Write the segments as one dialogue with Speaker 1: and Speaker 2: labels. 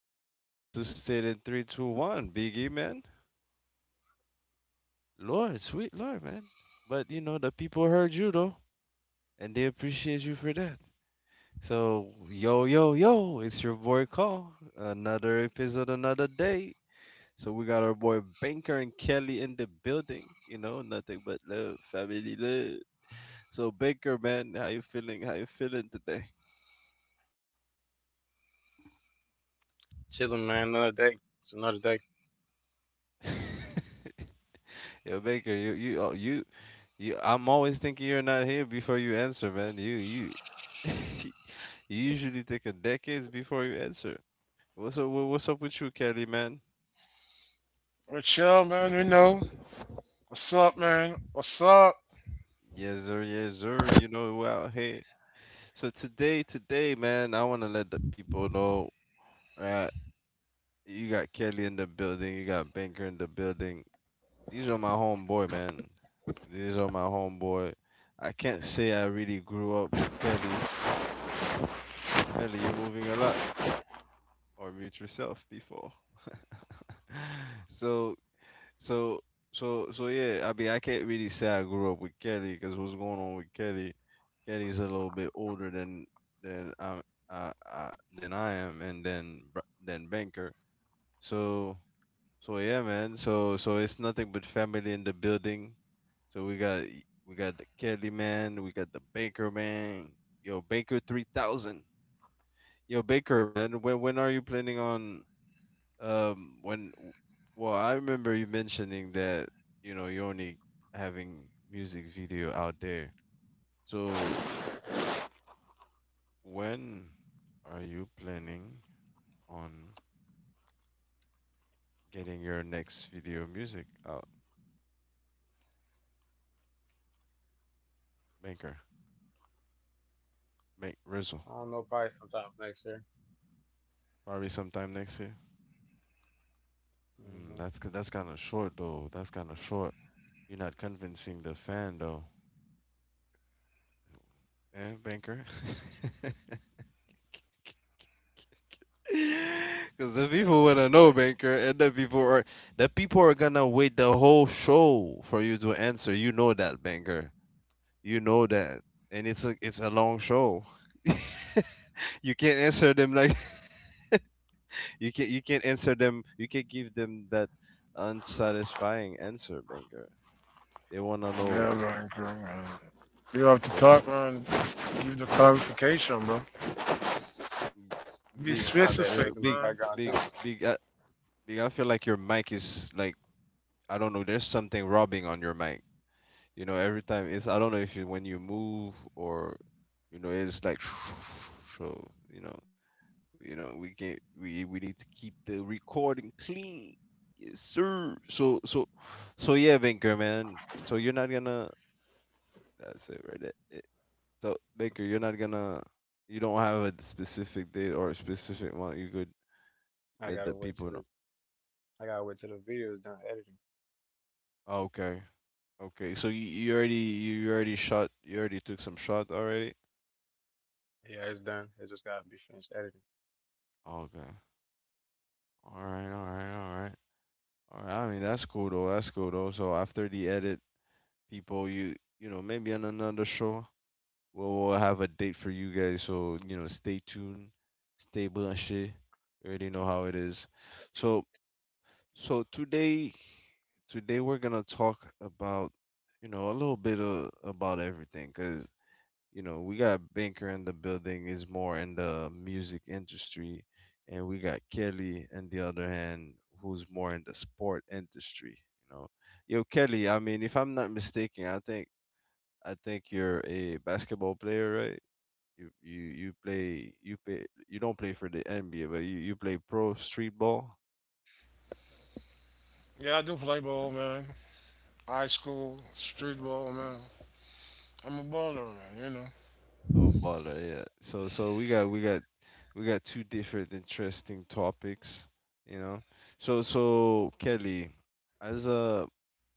Speaker 1: said we are about to state in three, two, one. Biggie, man. Lord, sweet Lord, man. But you know, the people heard you though, and they appreciate you for that. So, yo, yo, yo, it's your boy Call. Another episode, another day. So we got our boy Banker and Kelly in the building. You know, nothing but love, family love. So Banker, man, how you feeling? How you feeling today?
Speaker 2: Chilling, man. Another day. It's another day.
Speaker 1: Yo, Baker, you, You, I'm always thinking you're not here before you answer, man. You usually take a decades before you answer. What's up? What's up with you, Kelly, man?
Speaker 3: We're chill, man. You know. What's up, man? What's up?
Speaker 1: Yes, sir. Yes, sir. You know, well, hey. So today, man, I want to let the people know, right? You got Kelly in the building. You got Banker in the building. These are my homeboy, man. These are my homeboy. I can't say I really grew up with Kelly. Kelly, you moving a lot or mute yourself before. So, so, so yeah. I mean, I can't really say I grew up with Kelly because what's going on with Kelly? Kelly's a little bit older than I, than I am, and then than Banker. So, so yeah, man. So it's nothing but family in the building. So we got the Kelly man, we got the Baker man. Yo, Baker 3000. Yo, Baker man, when are you planning on when well, I remember you mentioning that you know you're only having music video out there. So, w- when are you planning on getting your next video music out, Maker,
Speaker 2: I
Speaker 1: Make
Speaker 2: don't know.
Speaker 1: Rizzle.
Speaker 2: Probably sometime next year.
Speaker 1: Probably sometime next year.
Speaker 2: Mm-hmm.
Speaker 1: Mm, that's kind of short though. That's kind of short. You're not convincing the fan though, eh, Banker?
Speaker 2: Depends
Speaker 1: Cause
Speaker 2: on
Speaker 1: the
Speaker 2: what to
Speaker 1: people
Speaker 2: say.
Speaker 1: wanna know, banker, and the people are gonna wait the whole show for you to answer. You know that, banker. You know that, and it's a long show. you can't answer them like you can't answer them. You can not give them that unsatisfying answer, banker. They wanna
Speaker 3: Yeah,
Speaker 1: know.
Speaker 3: man. Cool, man. You have to
Speaker 1: They wa-
Speaker 3: talk, man. Give the clarification, bro.
Speaker 2: You
Speaker 3: Be
Speaker 2: need
Speaker 1: big,
Speaker 2: to stop that
Speaker 1: where-
Speaker 2: noise
Speaker 3: specific,
Speaker 2: in the
Speaker 1: big,
Speaker 3: man.
Speaker 2: background
Speaker 1: big,
Speaker 2: too.
Speaker 1: big, uh, big. I feel like your mic is like I don't know. There's something rubbing on your mic. You know, every time it's I don't know if you when you move or you know it's like so you know we need to keep the recording clean. Yes, sir. So yeah, Baker man. So you're not gonna that's it right there. So Baker, you're not gonna you don't have a specific date or a specific amount you could
Speaker 2: I
Speaker 1: let
Speaker 2: gotta
Speaker 1: the
Speaker 2: wait till
Speaker 1: people know.
Speaker 2: this. I gotta wait till the video is done editing.
Speaker 1: Okay. Okay. So you, you already shot you already took some shot already?
Speaker 2: Yeah, it's done. It just gotta be finished editing.
Speaker 1: Okay. All right, all right, all right. All right. I mean, that's cool though. That's cool though. So after the edit, people, you know, maybe on another show, we'll have a date for you guys. So you know, stay tuned, stay bunched. You already know how it is. So so today we're gonna talk about you know a little bit of, about everything, 'cause you know, we got Banker in the building is more in the music industry, and we got Kelly on the other hand who's more in the sport industry. You know, yo Kelly, I mean, if I'm not mistaken, I think you're a basketball player, right? You play you play you don't play for the NBA, but you play pro street ball.
Speaker 3: Yeah, I do play ball, man. High school, street ball, man. I'm a baller, man. You know,
Speaker 1: Oh, bother, yeah. So we got two different interesting topics, you know. So Kelly, as a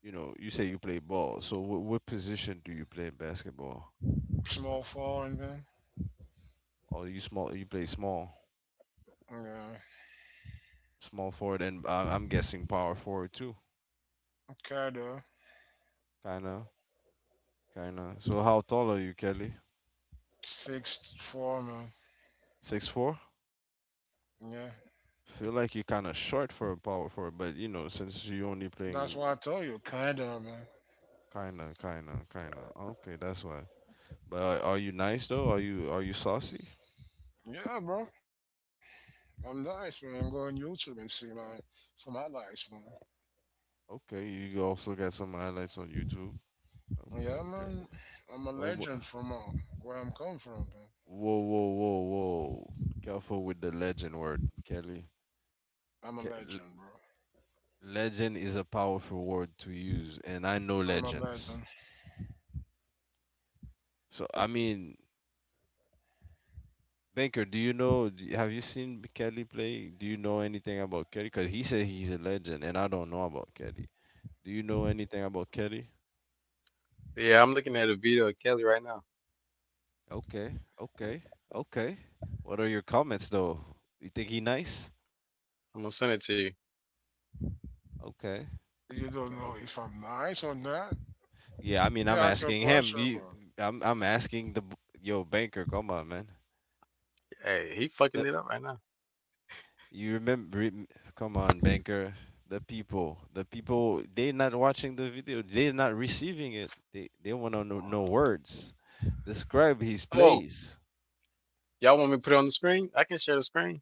Speaker 1: you know, you say you play ball. So what position do you play in basketball?
Speaker 3: small forward, man.
Speaker 1: Or you small you play small,
Speaker 3: Yeah,
Speaker 1: small forward and I'm guessing power forward too.
Speaker 3: kinda
Speaker 1: Kinda, kinda. So how tall are you, Kelly?
Speaker 3: 6'4", man.
Speaker 1: 6'4"?
Speaker 3: Yeah,
Speaker 1: Feel like you're kinda short for a power forward, but you know, since you only
Speaker 3: that's
Speaker 1: playing
Speaker 3: why I told you, kinda, man.
Speaker 1: kinda, kinda, kinda. Okay, that's why. But are you nice though? Are you saucy?
Speaker 3: Yeah, bro. I'm nice, man. Go on YouTube and see my some highlights, man.
Speaker 1: Okay, you also got some highlights on YouTube. Okay,
Speaker 3: Yeah,
Speaker 1: okay.
Speaker 3: man. I'm a
Speaker 1: Whoa,
Speaker 3: legend from where I'm come from, man.
Speaker 1: whoa, whoa, whoa! Careful with the legend word, Kelly.
Speaker 3: I'm a
Speaker 1: Ke-
Speaker 3: legend,
Speaker 1: le-
Speaker 3: bro.
Speaker 1: Legend is a powerful word to use, and I know
Speaker 3: I'm a
Speaker 1: legends.
Speaker 3: legend.
Speaker 1: So I mean, Banker, do you know? Have you seen Kelly play? Do you know anything about Kelly? Because he said he's a legend, and I don't know about Kelly. Do you know anything about Kelly?
Speaker 2: Yeah, I'm looking at a video of Kelly right now.
Speaker 1: Okay, okay, okay. What are your comments though? You think he nice?
Speaker 2: I'm gonna send it to you.
Speaker 1: Okay,
Speaker 3: You don't know
Speaker 1: okay.
Speaker 3: if I'm nice or not.
Speaker 1: Yeah, I mean, I'm
Speaker 3: That's your
Speaker 1: asking him.
Speaker 3: question,
Speaker 1: You,
Speaker 3: bro.
Speaker 1: I'm asking yo banker. Come on, man.
Speaker 2: Hey, he fucking it
Speaker 1: The
Speaker 2: up right now.
Speaker 1: you remember? Come on, banker. The people, they not watching the video. They're not receiving it. They want to know words. Describe his
Speaker 2: Oh,
Speaker 1: place.
Speaker 2: y'all want me to put it on the screen? I can share the screen.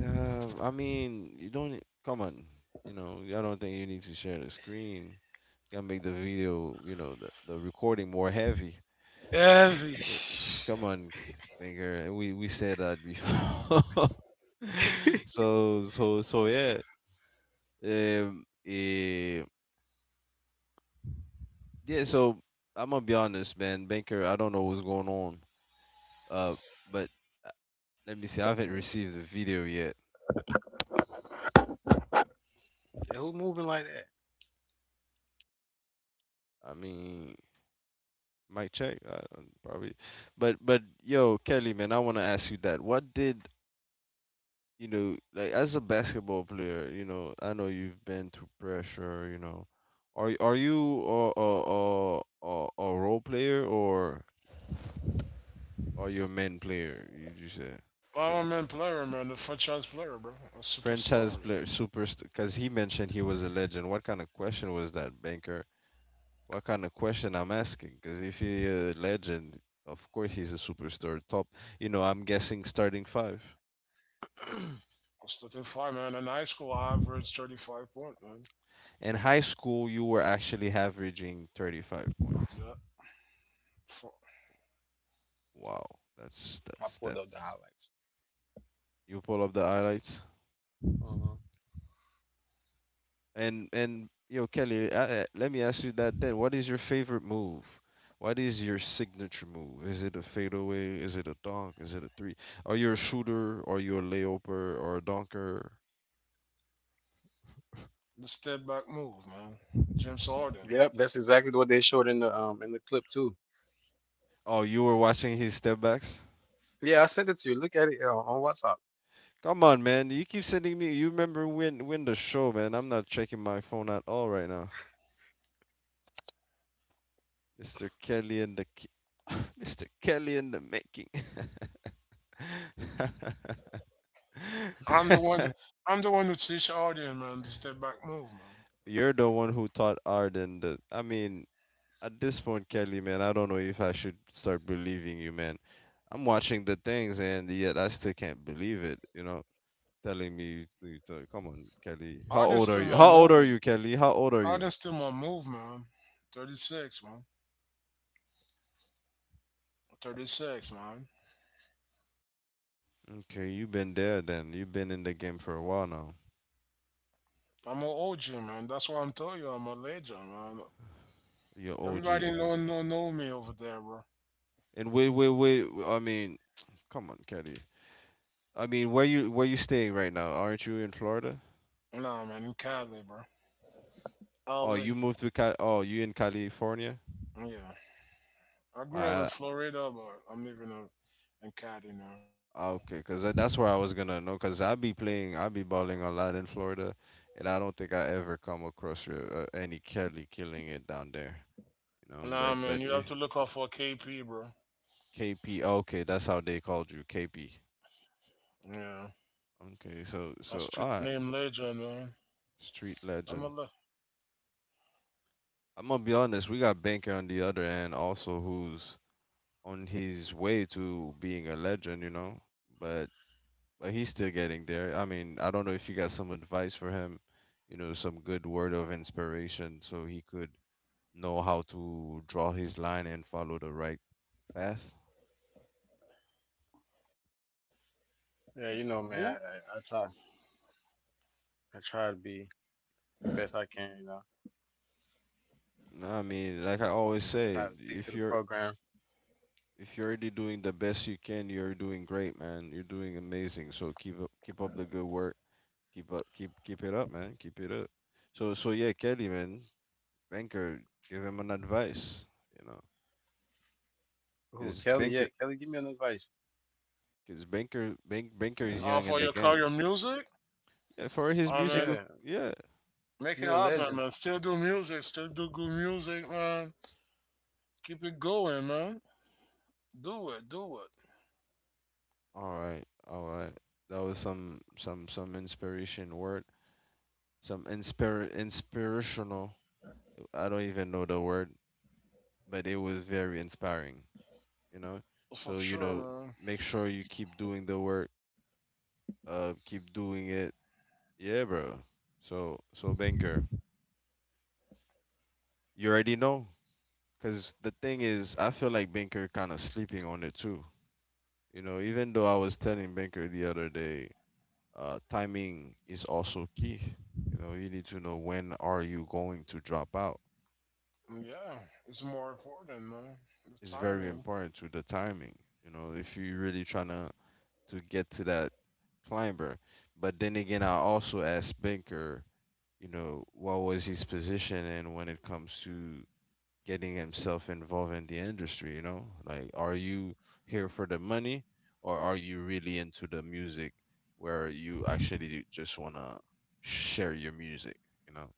Speaker 1: I mean, you don't. Come on. You know, I don't think you need to share the screen. Gotta make the video, you know, the recording more heavy.
Speaker 3: Heavy.
Speaker 1: Yeah, Come on, Banger. And we said that before. So yeah. Um. eh, yeah. So I'm gonna be honest, man. Banker, I don't know what's going on. Uh. But uh, let me see. I haven't received the video yet.
Speaker 2: Yeah, who moving like that?
Speaker 1: I mean, mic check. I don't, probably. But yo, Kelly, man, I wanna ask you that. What did you know, like as a basketball player, you know, I know you've been through pressure, you know. Are are you a role player or are you a main player? You just said
Speaker 3: I'm a man player, man. The franchise player, bro. A superstar,
Speaker 1: franchise
Speaker 3: man.
Speaker 1: player, super, because he mentioned he was a legend. What kind of question was that, banker? What kind of question I'm asking? Because if he's a legend, of course he's a superstar. Top, you know, I'm guessing starting five.
Speaker 3: I was 13-5, man. In high school, I averaged 35 point, man.
Speaker 1: In high school, you were actually averaging 35 points.
Speaker 3: Yeah. For
Speaker 1: Wow,
Speaker 2: I pulled up the
Speaker 1: that's
Speaker 2: highlights.
Speaker 1: you pull up the highlights.
Speaker 2: Uh-huh.
Speaker 1: And yo Kelly, let me ask you that then. What is your favorite move? What is your signature move? Is it a fadeaway? Is it a dunk? Is it a three? Are you a shooter? Are you a layoper or a dunker?
Speaker 3: the step back move, man. James
Speaker 2: Yep,
Speaker 3: Harden.
Speaker 2: that's exactly what they showed in the clip too.
Speaker 1: Oh, you were watching his step backs?
Speaker 2: Yeah, I sent it to you. Look at it on WhatsApp.
Speaker 1: Come on, man. You keep sending me. You remember when the show, man? I'm not checking my phone at all right now. Mr. Kelly and the Mr. Kelly in the making.
Speaker 3: I'm the one. I'm the one who teach Arden, man, the step back move, man.
Speaker 1: You're the one who taught Arden that. I mean, at this point, Kelly, man, I don't know if I should start believing you, man. I'm watching the things, and yet I still can't believe it. You know, telling me, come on, Kelly. How
Speaker 3: Arden
Speaker 1: old are
Speaker 3: still
Speaker 1: you?
Speaker 3: my
Speaker 1: How old are you,
Speaker 3: movement.
Speaker 1: Kelly? How old are you?
Speaker 3: Arden still my move, man. 36, man. 36, man.
Speaker 1: Okay, you've been there then. You've been in the game for a while now.
Speaker 3: I'm an OG, man. That's why I'm telling you, I'm a legend, man.
Speaker 1: You're OG.
Speaker 3: Everybody know me over there, bro.
Speaker 1: And wait, wait, wait. I mean, come on, Kelly. I mean, where you staying right now? Aren't you in Florida?
Speaker 3: Nah, man, in Cali, bro.
Speaker 1: Oh, you
Speaker 3: LA.
Speaker 1: moved to Cal. Oh, you in California?
Speaker 3: Yeah. I grew
Speaker 1: I
Speaker 3: up in Florida, but I'm living in Cali now.
Speaker 1: okay, cause that's where I was gonna know. Cause I be balling a lot in Florida, and I don't think I ever come across any Kelly killing it down there. You know, but
Speaker 3: Nah,
Speaker 1: but
Speaker 3: man, you
Speaker 1: if
Speaker 3: have to look out for KP, bro.
Speaker 1: KP, okay, that's how they called you, KP.
Speaker 3: Yeah.
Speaker 1: Okay,
Speaker 3: My
Speaker 1: so
Speaker 3: street
Speaker 1: so all
Speaker 3: name
Speaker 1: right,
Speaker 3: legend, man.
Speaker 1: street
Speaker 3: I'm a le-
Speaker 1: legend. I'm gonna be honest, we got Banker on the other end also, who's on his way to being a legend. You know, but but he's still getting there. I mean, I don't know if you got some advice for him, you know, some good word of inspiration so he could know how to draw his line and follow the right path.
Speaker 2: Yeah,
Speaker 3: who?
Speaker 2: man, I try. I try to be the best I can.
Speaker 1: No, I mean, like I
Speaker 2: You know,
Speaker 1: always
Speaker 2: try to
Speaker 1: say,
Speaker 2: stick to the program.
Speaker 1: if you're already doing the best you can, you're doing great, man. You're doing amazing. So keep up the good work. Keep up, keep it up, man. Keep it up. So yeah, Kelly, man, banker, give him an advice. You know,
Speaker 2: Ooh,
Speaker 1: because
Speaker 2: Kelly, yeah,
Speaker 1: banker,
Speaker 2: Kelly, give me an advice.
Speaker 3: For your career
Speaker 1: banker is young in
Speaker 3: music.
Speaker 1: the game. Yeah,
Speaker 3: I
Speaker 1: for his
Speaker 3: mean,
Speaker 1: musical.
Speaker 2: Yeah,
Speaker 1: Yeah.
Speaker 3: make it
Speaker 2: you a
Speaker 3: happen,
Speaker 2: legend.
Speaker 3: man. Still do music, still do good music, man. Keep it going, man. Do it, do it.
Speaker 1: All right. All right. That was some inspiration word. Some inspirational. I don't even know the word, but it was very inspiring, you know? So,
Speaker 3: For
Speaker 1: you
Speaker 3: sure,
Speaker 1: know,
Speaker 3: man.
Speaker 1: make sure you keep doing the work, keep doing it. Yeah, bro. So Banker, you already know cuz the thing is I feel like Banker kind of sleeping on it too. You know, even though I was telling Banker the other day timing is also key. You know, you need to know when are you going to drop out.
Speaker 3: Yeah, it's more important, man. The
Speaker 1: It's very
Speaker 3: timing.
Speaker 1: important to the timing. You know, if you're really trying to get to that climber. But then again, I also asked Banker, you know, what was his position and when it comes to getting himself involved in the industry, you know? Like, are you here for the money or are you really into the music where you actually just want to share your music, you know?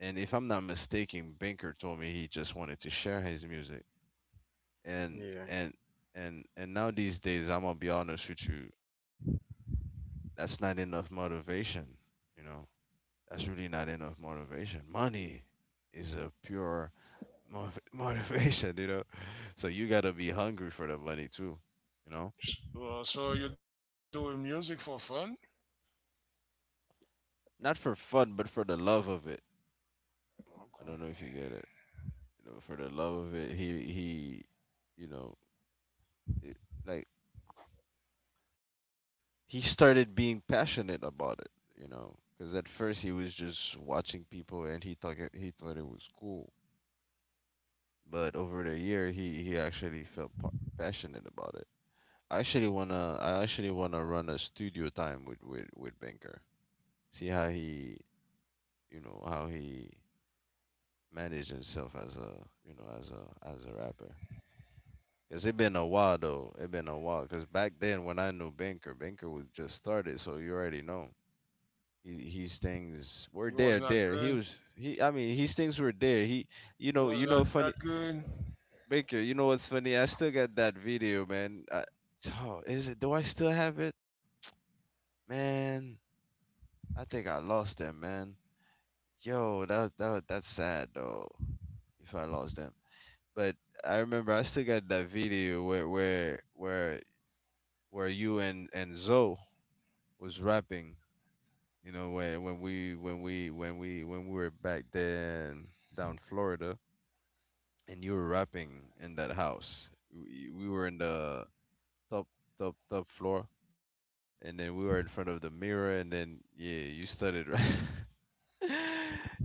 Speaker 1: And if I'm not mistaken, Banker told me he just wanted to share his music. And
Speaker 2: Yeah,
Speaker 1: and and now these days, I'm gonna be honest with you, that's not enough motivation. You know, that's really not enough motivation. Money is a pure motivation. You know, so you gotta be hungry for the money too. You know,
Speaker 3: So you're doing music for fun?
Speaker 1: not for fun, but for the love of it. I don't know if
Speaker 3: Okay.
Speaker 1: you get it. You know, for the love of it, he, you know, it, like he started being passionate about it, you know, because at first he was just watching people and he thought it was cool, but over the year he actually felt passionate about it. I actually wanna run a studio time with Banker, see how he, how he managed himself as a you know as a rapper. Cause it been a while though. It been a while. Cause back then when I knew Banker, Banker was just started, so you already know. He, his things
Speaker 3: You
Speaker 1: were
Speaker 3: was
Speaker 1: there,
Speaker 3: not
Speaker 1: there. He
Speaker 3: good.
Speaker 1: was he. I mean, his things were there. He,
Speaker 3: You was not
Speaker 1: funny
Speaker 3: that good.
Speaker 1: Baker. You know what's funny? I still got that video, man. Oh, is it? Do I still have it, man? I think I lost them, man. Yo, that's sad though. If I lost them, but I remember I still got that video where you and Zoe was rapping. You know when we when we when we when we were back then down Florida and you were rapping in that house. We were in the top top floor, and then we were in front of the mirror, and then yeah, you started right.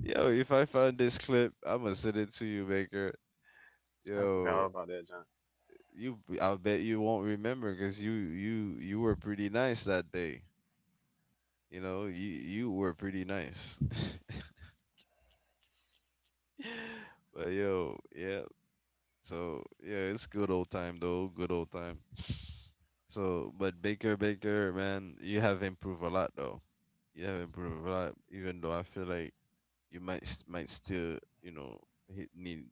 Speaker 1: Yo, if I find this clip, I'ma send it to you, Baker.
Speaker 2: I forgot all
Speaker 1: Yo,
Speaker 2: about that, John.
Speaker 1: I bet you won't remember because you were pretty nice that day. You know, you were pretty nice. But yo, yeah. So yeah, it's good old time though. Good old time. So, but Baker, Baker, man, you have improved a lot though. You have improved a lot, even though I feel like you might still, you know, need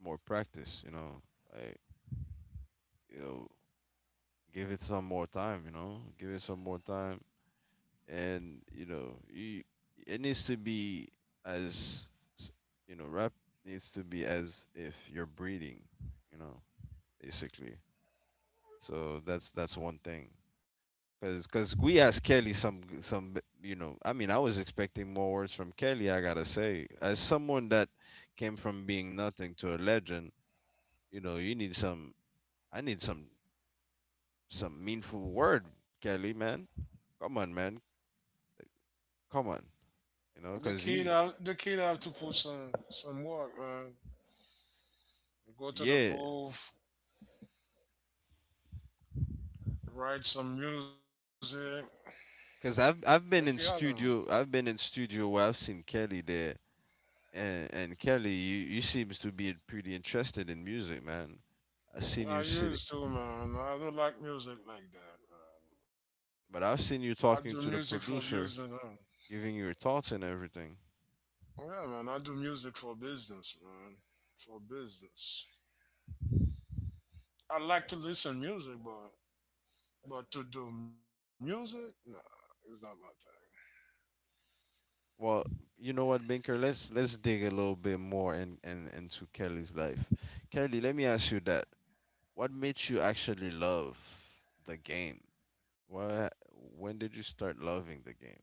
Speaker 1: more practice. You know, like you know, give it some more time. You know, give it some more time, and you know, you, it needs to be as s- you know, rap needs to be as if you're breathing. You know, basically. So that's one thing. Cause we asked Kelly you know, I mean, I was expecting more words from Kelly. I gotta say, as someone that came from being nothing to a legend, you know, you need some. I need some meaningful word, Kelly, man. Come on, man. Come on. You know,
Speaker 3: The
Speaker 1: cause
Speaker 3: kid
Speaker 1: you,
Speaker 3: have the kid have to put some work, man. Go to the
Speaker 1: yeah.
Speaker 3: booth, write some music,
Speaker 1: Cause I've,
Speaker 3: make it
Speaker 1: I've been in
Speaker 3: happen.
Speaker 1: studio. I've been in studio where I've seen Kelly there, and Kelly, you seems to be pretty interested in music, man. I've seen you
Speaker 3: I
Speaker 1: sitting,
Speaker 3: used to, man. I don't like music like that, man.
Speaker 1: but I've
Speaker 3: I
Speaker 1: seen
Speaker 3: do
Speaker 1: you
Speaker 3: music
Speaker 1: talking
Speaker 3: for
Speaker 1: to the
Speaker 3: business,
Speaker 1: producer
Speaker 3: man.
Speaker 1: giving your thoughts and everything.
Speaker 3: Yeah, man. I do music for business, man. For business. I like to listen music, but to do music, nah, it's not my
Speaker 1: Well, you know what, Binker? Let's dig a little bit more in into Kelly's life. Kelly, let me ask you that. What made you actually love the game? What When did you start loving the game?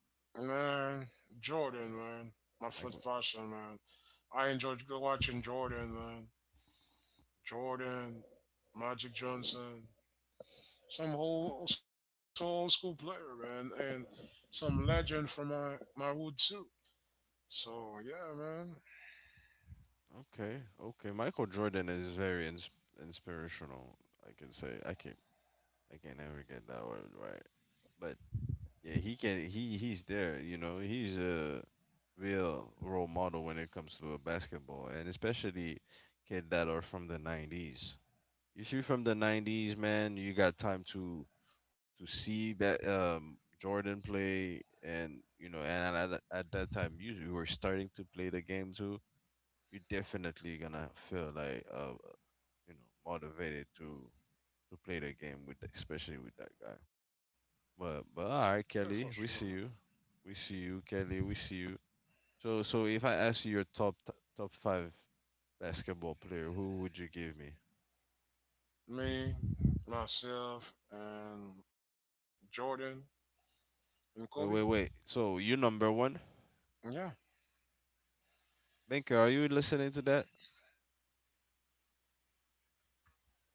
Speaker 3: thing. Man, Jordan, man. My first
Speaker 1: Michael.
Speaker 3: passion, man. I enjoyed watching Jordan, man. Jordan, Magic Johnson. Some old school player, man, and some legend from my wood too. So yeah, man,
Speaker 1: Okay, okay. Michael Jordan is very inspirational. I can say I can never get that word right, but yeah, he can. He's there. You know, he's a real role model when it comes to basketball, and especially kid that are from the '90s. If you're from the '90s, man, you got time to see that Jordan play, and you know, at that time, you were starting to play the game too. You're definitely gonna feel like you know, motivated to play the game with, especially with that guy. But
Speaker 3: yeah
Speaker 1: all
Speaker 3: for
Speaker 1: right,
Speaker 3: sure.
Speaker 1: Kelly, we see you. We see you, Kelly. We see you. So if I ask you your top five basketball player, who would you give me?
Speaker 3: Me, myself, and Jordan and Kobe.
Speaker 1: Wait, wait, wait. So you number one,
Speaker 3: Yeah,
Speaker 1: Binker? Are you listening to that?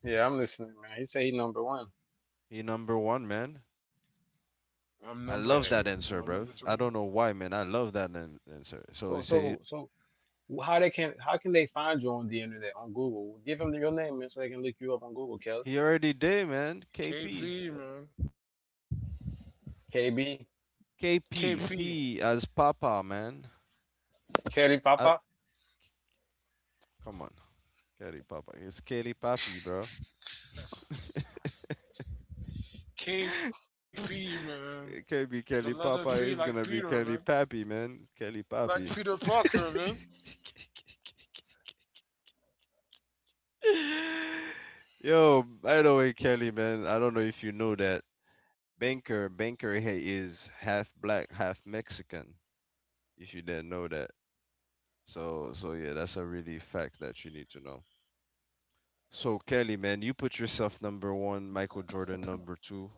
Speaker 2: Yeah, I'm listening, man. He said he number one.
Speaker 1: He number one, man.
Speaker 3: I'm number two,
Speaker 1: I
Speaker 3: and
Speaker 1: love
Speaker 3: I'm
Speaker 2: Hey.
Speaker 1: that
Speaker 3: number
Speaker 1: answer,
Speaker 3: three
Speaker 1: bruv.
Speaker 3: here.
Speaker 1: I don't know why, man. I love that answer. So
Speaker 2: Oh,
Speaker 1: you
Speaker 2: so
Speaker 1: say
Speaker 2: so wh- how they can how can they find you on the internet on Google? Give them your name, man, so they can look you up on Google, Kelly.
Speaker 1: he already did, man. KP,
Speaker 3: KP, man,
Speaker 2: KB,
Speaker 3: KP,
Speaker 1: KP, P P as Papa, man.
Speaker 2: Kelly
Speaker 1: I,
Speaker 2: Papa.
Speaker 1: Come on, Kelly Papa. It's Kelly Papi, bro.
Speaker 3: KP, man.
Speaker 1: It
Speaker 3: The
Speaker 1: can't be
Speaker 3: letter
Speaker 1: Kelly
Speaker 3: P, like
Speaker 1: Papa. It's
Speaker 3: Peter,
Speaker 1: gonna be
Speaker 3: man,
Speaker 1: Kelly Pappy, man. Kelly
Speaker 3: like
Speaker 1: Pappy.
Speaker 3: Peter Parker, man.
Speaker 1: Yo, by the way, Kelly, man, I don't know if you know that Banker he is half black, half Mexican. If you didn't know that, so yeah, that's a really fact that you need to know. So Kelly, man, you put yourself number one, Michael Jordan number two.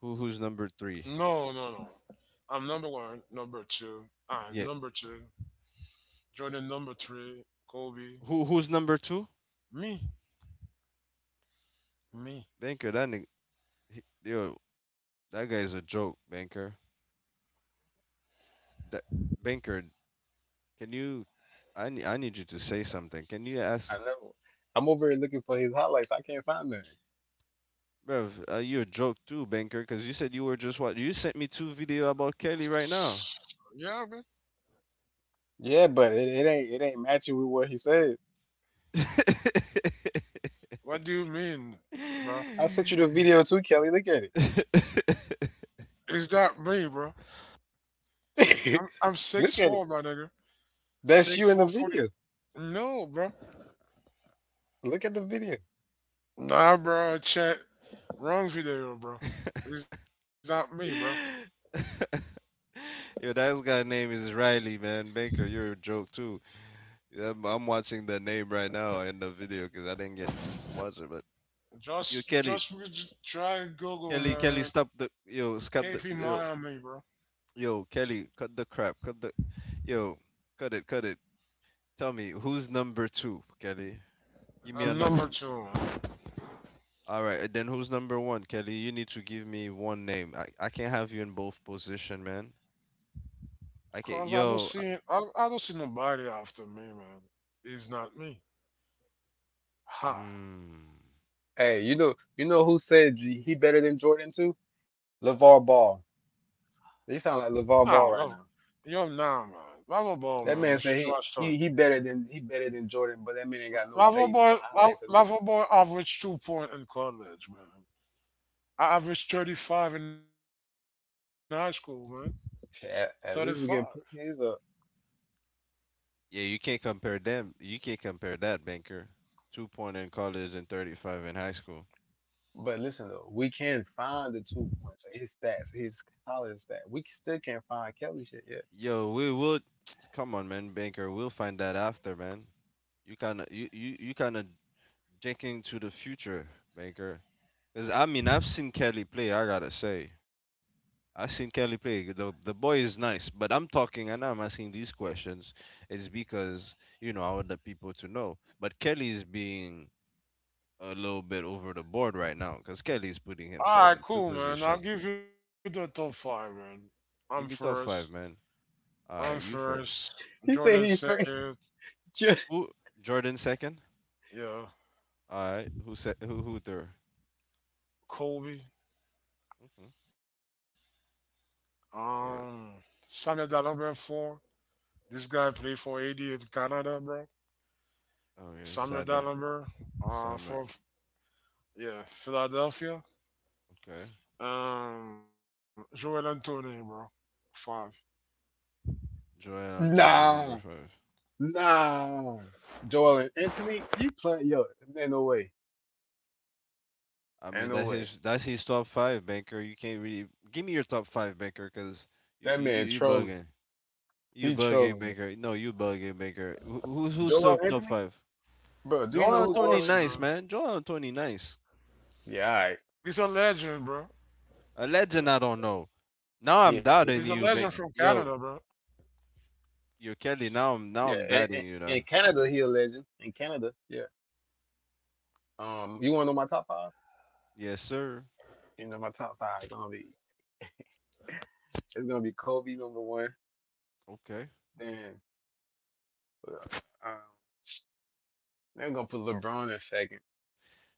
Speaker 1: Who's number
Speaker 3: No,
Speaker 1: three?
Speaker 3: no, no. I'm number one, number two, and
Speaker 1: Yeah,
Speaker 3: number two, Jordan number three, Kobe.
Speaker 1: who's number two?
Speaker 3: Me, me.
Speaker 1: Banker, that nigga, yo, that guy's a joke, Banker. That Binkard, can you? I need you to say something. Can you
Speaker 2: I
Speaker 1: ask,
Speaker 2: know. I'm over here looking for his highlights. I can't find them.
Speaker 1: bruv? You're a joke too, Binkard, because you said you were just what? You sent me two video about Kelly right now.
Speaker 3: Yeah, man.
Speaker 2: Yeah, but it ain't matching with what he said.
Speaker 3: What do you mean, bro?
Speaker 2: I sent you the video too, Kelly. Look at
Speaker 3: Is that me, bro? I'm
Speaker 2: it.
Speaker 3: I'm six
Speaker 2: Look at it.
Speaker 3: four, my nigga.
Speaker 2: That's
Speaker 3: Six
Speaker 2: you in the
Speaker 3: four forty.
Speaker 2: video.
Speaker 3: No, bro.
Speaker 2: Look at the video.
Speaker 3: Nah, bro. Check wrong video, bro. It's not me, bro.
Speaker 1: Yo, that guy's name is Riley, man. Baker, you're a joke too. Yeah, I'm watching the name right now in the video because I didn't get to watch it. But yo,
Speaker 3: Just
Speaker 1: Kelly,
Speaker 3: just we could try and Google, man.
Speaker 1: Stop the
Speaker 3: KP
Speaker 1: yo,
Speaker 3: Miami, bro.
Speaker 1: yo, Kelly, cut the crap. Cut the. Yo, cut it, cut it. Tell me, who's number two, Kelly? Give me a
Speaker 3: I'm number
Speaker 1: number.
Speaker 3: two, man.
Speaker 1: All right, then who's number one, Kelly? You need to give me one name. I can't have you in both position, man. I
Speaker 3: Cause I
Speaker 1: can't.
Speaker 3: don't
Speaker 1: Yo,
Speaker 3: see I, I don't see nobody after me, man. It's not me. Ha.
Speaker 1: mm,
Speaker 2: Hey, you know who said he better than Jordan too? LeVar Ball. They sound like
Speaker 3: Nah, love
Speaker 2: LeVar Ball right now.
Speaker 3: you're nah, man. Lava Ball,
Speaker 2: That
Speaker 3: man,
Speaker 2: man
Speaker 3: is
Speaker 2: said he
Speaker 3: trash talk.
Speaker 2: he he better than he better than Jordan, but that man ain't got no
Speaker 3: Lava
Speaker 2: tape, no
Speaker 3: Boy,
Speaker 2: highlights or nothing.
Speaker 3: Lava Boy averaged 2 point in college, man. I averaged 35 in high school, man. Thirty
Speaker 2: Shit,
Speaker 3: five.
Speaker 2: at least we can put his up.
Speaker 1: yeah, you can't compare them. You can't compare that, banker. 2 point in college and 35 in high school.
Speaker 2: But listen though, we can find the 2 points, or his stats, his college stat. We still can't find Kelly shit yet.
Speaker 1: Yo, we will. Come on, man, banker. We'll find that after, man. You kind of thinking to the future, Baker. Because, I mean, I've seen Kelly play, I gotta say. I've seen Kelly play. The boy is nice, but I'm talking and I'm asking these questions. It's because, you know, I want the people to know. But Kelly is being a little bit over the board right now because Kelly is putting
Speaker 3: All
Speaker 1: himself
Speaker 3: right,
Speaker 1: into
Speaker 3: cool, man. I'll
Speaker 1: position.
Speaker 3: give you the top five, man. I'm
Speaker 1: Give me
Speaker 3: first.
Speaker 1: top five, man.
Speaker 3: I'm
Speaker 1: All right, you
Speaker 3: first.
Speaker 1: first.
Speaker 3: Jordan
Speaker 2: He said he
Speaker 3: second.
Speaker 2: You-
Speaker 1: Who? Jordan second?
Speaker 3: Yeah,
Speaker 1: All right. Who third?
Speaker 3: Kobe.
Speaker 1: Mm-hmm.
Speaker 3: Um,
Speaker 1: All right.
Speaker 3: Samuel Dalumber four. This guy played for AD in Canada, bro.
Speaker 1: Oh, yeah.
Speaker 3: Samuel
Speaker 1: Side note.
Speaker 3: Dalumber,
Speaker 1: Summer.
Speaker 3: for Yeah, Philadelphia.
Speaker 1: Okay.
Speaker 3: Joel Anthony, bro. Five.
Speaker 1: Joel Anthony, number
Speaker 2: Nah,
Speaker 1: five.
Speaker 2: nah. Joel and Anthony, you play yo, ain't no way.
Speaker 1: I mean,
Speaker 2: Ain't no
Speaker 1: that's
Speaker 2: way.
Speaker 1: his that's his top five, Baker. You can't really give me your top five, Baker, because you,
Speaker 2: That
Speaker 1: you
Speaker 2: man
Speaker 1: you
Speaker 2: trolling.
Speaker 1: bugging, you
Speaker 2: He
Speaker 1: bugging,
Speaker 2: trolling me.
Speaker 1: Baker. No, you bugging, Baker. Who's
Speaker 2: Joel
Speaker 1: top
Speaker 2: Anthony?
Speaker 1: five?
Speaker 2: Bro, do you
Speaker 3: Of
Speaker 1: Joel
Speaker 2: know who
Speaker 1: Anthony,
Speaker 2: Joel
Speaker 3: course,
Speaker 2: Anthony
Speaker 1: nice
Speaker 3: man.
Speaker 2: is?
Speaker 1: man. Joel Anthony, nice.
Speaker 2: Yeah, all right.
Speaker 3: He's a legend, bro.
Speaker 1: A legend,
Speaker 2: Like,
Speaker 1: I don't know. Now
Speaker 3: He's a
Speaker 1: I'm
Speaker 2: He,
Speaker 3: legend
Speaker 1: doubting
Speaker 3: from
Speaker 2: he,
Speaker 1: you. Ba
Speaker 3: Canada, bro.
Speaker 1: Yo, yo, Kelly. Now I'm now
Speaker 2: yeah,
Speaker 1: I'm
Speaker 2: in, in,
Speaker 1: doubting you now.
Speaker 2: in Canada he a legend. In Canada, yeah. You wanna know my top five?
Speaker 1: Yes, sir.
Speaker 2: You know my top five gonna be it's gonna be Kobe number one,
Speaker 1: Okay,
Speaker 2: then uh, um, they're gonna put LeBron in second,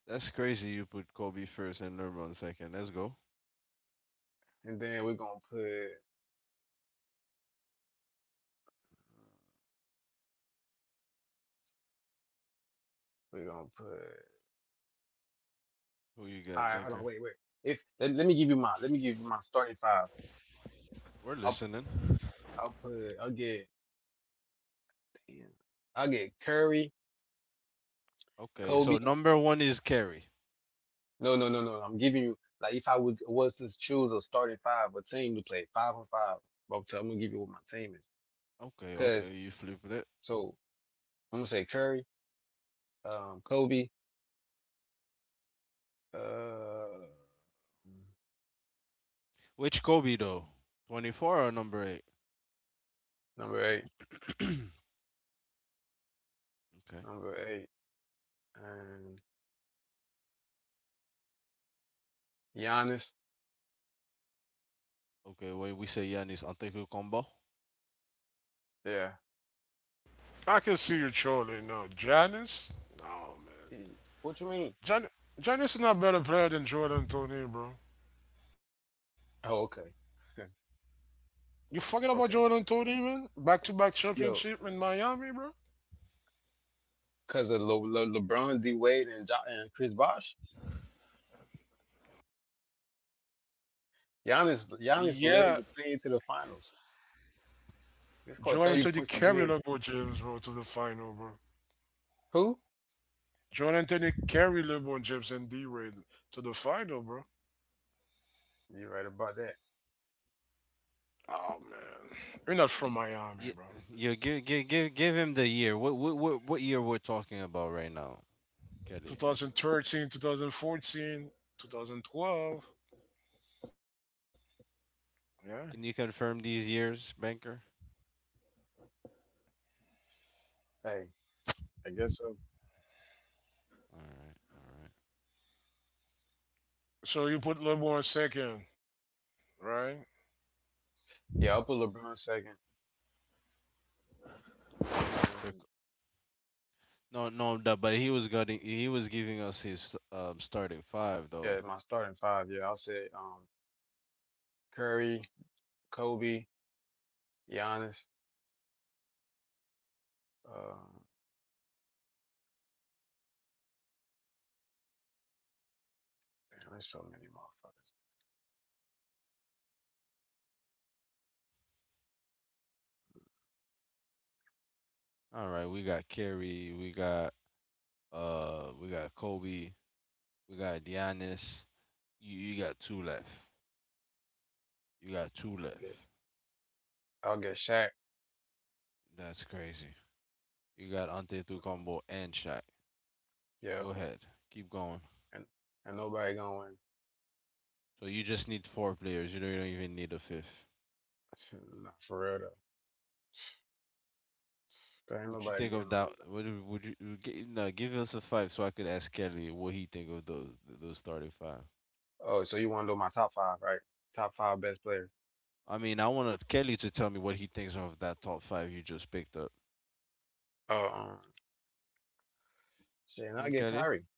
Speaker 1: that's crazy. You put Kobe first and LeBron second. Let's go.
Speaker 2: and then we're gonna put.
Speaker 1: Who you
Speaker 2: All
Speaker 1: got,
Speaker 2: right, hold on,
Speaker 1: Baker?
Speaker 2: wait, wait. If let, let me give you my starting five.
Speaker 1: We're
Speaker 2: I'll
Speaker 1: listening.
Speaker 2: I'll put I'll get damn, I'll get Curry,
Speaker 1: Okay, so
Speaker 2: Kobe.
Speaker 1: number one is Kerry.
Speaker 2: No, no, no, no. No. I'm giving you like if I was to choose a starting five, a team to play five on five. But I'm gonna give you what my team is.
Speaker 1: Okay,
Speaker 2: Cause
Speaker 1: okay, you flipped it.
Speaker 2: so I'm gonna say Curry, Kobe, uh,
Speaker 1: Which Kobe though? 24 or number eight?
Speaker 2: number eight,
Speaker 1: Okay,
Speaker 2: number eight, and Giannis.
Speaker 1: okay. When we say Giannis Antetokounmpo, combo.
Speaker 2: Yeah.
Speaker 3: I can see you trolling now. Janice? No,
Speaker 2: Eh,
Speaker 3: man.
Speaker 2: What you mean?
Speaker 3: Jan- Janice is not a better player than Joel Tony, bro.
Speaker 2: Oh, okay,
Speaker 3: You forget
Speaker 2: okay.
Speaker 3: about Joel Tony, man? Back to back
Speaker 2: Yo,
Speaker 3: championship in Miami, bro?
Speaker 2: because of LeBron, D Wade, and Chris Bosh. Giannis led
Speaker 3: Yeah,
Speaker 2: the team to the finals. He scored
Speaker 3: Joel
Speaker 2: 30
Speaker 3: Tony
Speaker 2: points a
Speaker 3: carry
Speaker 2: game.
Speaker 3: LeBron James, bro, to the final, bro.
Speaker 2: Who?
Speaker 3: Joel Tony carry LeBron James and D Wade to the final, bro.
Speaker 2: You're right about that.
Speaker 3: Oh man, you're not from Miami, bro.
Speaker 1: Yeah, yeah. Give him the year. What year we're talking about right now, Kelly?
Speaker 3: 2013, 2014, 2012. Yeah.
Speaker 1: Can you confirm these years, Banker?
Speaker 2: Hey, I guess so.
Speaker 1: All right, all right.
Speaker 3: So you put LeBron second, right?
Speaker 2: Yeah, I'll put LeBron second. And
Speaker 1: After
Speaker 2: then,
Speaker 1: c- no, no, but he was giving us his starting five though.
Speaker 2: yeah, my starting five. Yeah, I'll say Curry, Kobe, Giannis. Uh, Man, there's so many motherfuckers.
Speaker 1: All right, we got Kerry, we got Kobe. We got Giannis. You got two left. You got two
Speaker 2: I'll
Speaker 1: left.
Speaker 2: get, I'll get Shaq.
Speaker 1: That's crazy. You got
Speaker 2: you know.
Speaker 1: Antetokounmpo and Shaq.
Speaker 2: Yeah,
Speaker 1: Go ahead. Keep going.
Speaker 2: and, and nobody going to win.
Speaker 1: So you just need four players. You don't even need a fifth.
Speaker 2: Nah, for real, though. There ain't
Speaker 1: What you
Speaker 2: nobody
Speaker 1: think
Speaker 2: getting
Speaker 1: of
Speaker 2: no.
Speaker 1: that? What would you No, give us a five so I could ask Kelly what he think of those starting five.
Speaker 2: Oh, so you want to do my top five, right? Top five best players.
Speaker 1: I mean, I want Kelly to tell me what he thinks of that top five you just picked up.
Speaker 2: Oh, shit, and
Speaker 1: Mm,
Speaker 2: I get
Speaker 1: Kelly.
Speaker 2: Kyrie.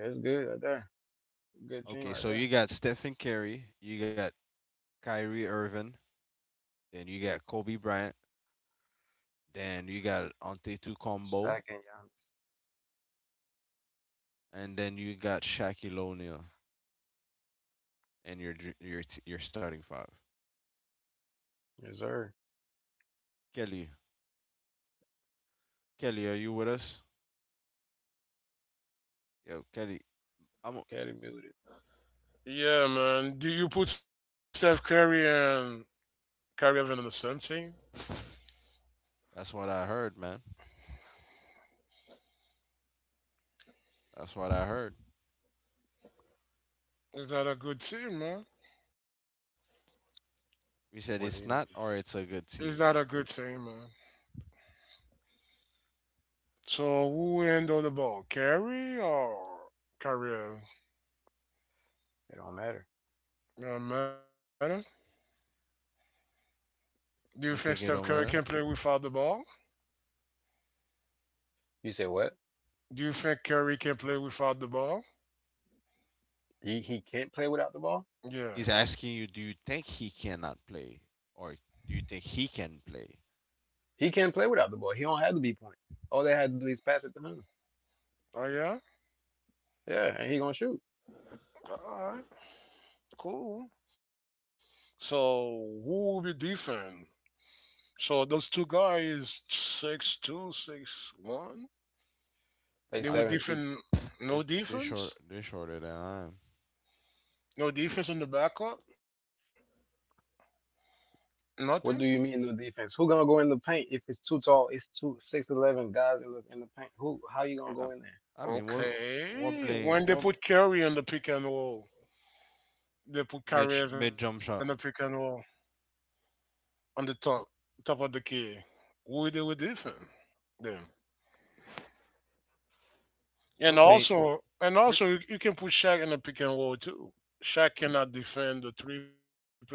Speaker 2: Yeah, it's good right there. Good
Speaker 1: Okay,
Speaker 2: team
Speaker 1: so
Speaker 2: right
Speaker 1: you
Speaker 2: there.
Speaker 1: got Stephen Curry, you got Kyrie Irving, then you got Kobe Bryant, then you got Antetokounmpo, combo,
Speaker 2: Shaq and Giannis.
Speaker 1: and then you got Shaquille O'Neal and your dr- your t- your starting five.
Speaker 2: Yes, sir.
Speaker 1: Kelly, Kelly, are you with us? Yo, Kelly, I'm.
Speaker 2: Caddy muted.
Speaker 3: Yeah, man. Do you put Steph Curry and Kyrie Irving on the same team?
Speaker 1: That's what I heard, man. That's what I heard.
Speaker 3: Is that a good team, man?
Speaker 1: We said
Speaker 2: What do
Speaker 1: it's
Speaker 2: you
Speaker 1: not
Speaker 2: mean?
Speaker 1: or it's a good
Speaker 3: Is that a
Speaker 1: team.
Speaker 3: good
Speaker 1: 'Cause
Speaker 3: team, man? So who end the ball, Curry or Kyrie Irving?
Speaker 2: It don't matter.
Speaker 3: Don't matter. Do you
Speaker 1: you
Speaker 3: think
Speaker 1: think
Speaker 3: Steph
Speaker 1: it don't
Speaker 3: Curry can
Speaker 1: matter?
Speaker 3: play without the ball?
Speaker 2: You say what?
Speaker 3: Do you think Curry can play without the ball?
Speaker 2: He can't play without the ball.
Speaker 3: Yeah.
Speaker 1: He's asking you, do you think he cannot play or do you think he can play?
Speaker 2: He can't play without the ball. He don't have to be point. All they had to do is pass it to him.
Speaker 3: Oh yeah.
Speaker 2: Yeah, and he gonna shoot.
Speaker 3: All right, cool. So who will be defend? So those two guys, 6'2", 6'1".
Speaker 2: They
Speaker 1: Yeah,
Speaker 3: They
Speaker 1: I
Speaker 3: were
Speaker 2: seven
Speaker 1: think
Speaker 2: feet.
Speaker 3: defend.
Speaker 1: they
Speaker 3: No
Speaker 1: they short
Speaker 3: defense.
Speaker 1: they shorter than I am.
Speaker 3: No defense in the backup, nothing.
Speaker 2: What do you mean no defense? Who gonna go in the paint if it's too tall? It's two 6'11" guys that look in the paint. Who? How you gonna
Speaker 1: I,
Speaker 2: go in there?
Speaker 1: I mean, we're we're
Speaker 3: Okay.
Speaker 1: playing
Speaker 3: When they
Speaker 1: we're
Speaker 3: put Curry on the pick and roll, they put
Speaker 1: mid
Speaker 3: Curry on the
Speaker 1: mid
Speaker 3: pick
Speaker 1: jump
Speaker 3: and
Speaker 1: shot.
Speaker 3: roll on the top of the key. Who they would defend then?
Speaker 1: We're
Speaker 3: And
Speaker 1: playing.
Speaker 3: also, and also, you can put Shaq in the pick and roll too. Shaq cannot defend the 3 point line.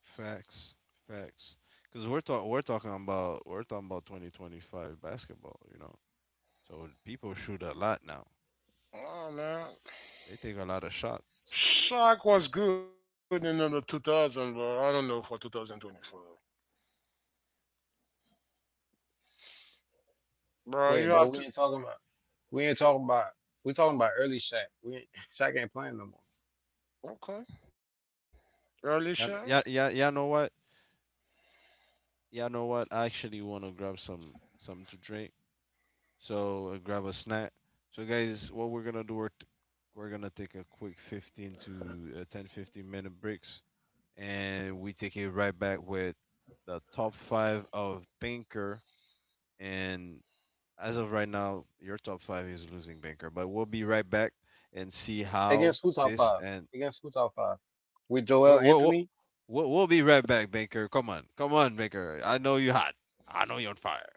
Speaker 1: Facts, facts. Because we're talking about 2025 basketball, you know. So people shoot a lot now.
Speaker 3: Oh man,
Speaker 1: They take a lot of shots.
Speaker 3: Shaq was good in the 2000, but I don't know for 2024. Bro,
Speaker 2: Wait,
Speaker 3: you
Speaker 2: but
Speaker 3: have to
Speaker 2: we ain't talking about we talking about early Shaq. We ain't, Shaq ain't playing no more.
Speaker 3: okay early Shaq.
Speaker 1: Yeah, yeah, yeah. Yeah, know what? Yeah, know what? I actually want to grab something to drink. So grab a snack. So guys, what we're gonna do? We're gonna take a quick 15 to 10 15 minute breaks, and we take it right back with the top five of banker and as of right now, your top five is losing banker, but we'll be right back and see how
Speaker 2: Against who top
Speaker 1: this
Speaker 2: five?
Speaker 1: and
Speaker 2: Against who top five? With Joel
Speaker 1: we'll, we'll,
Speaker 2: Anthony?
Speaker 1: we'll be right back, banker. Come on, come on, banker. I know you're hot. I know you're on fire.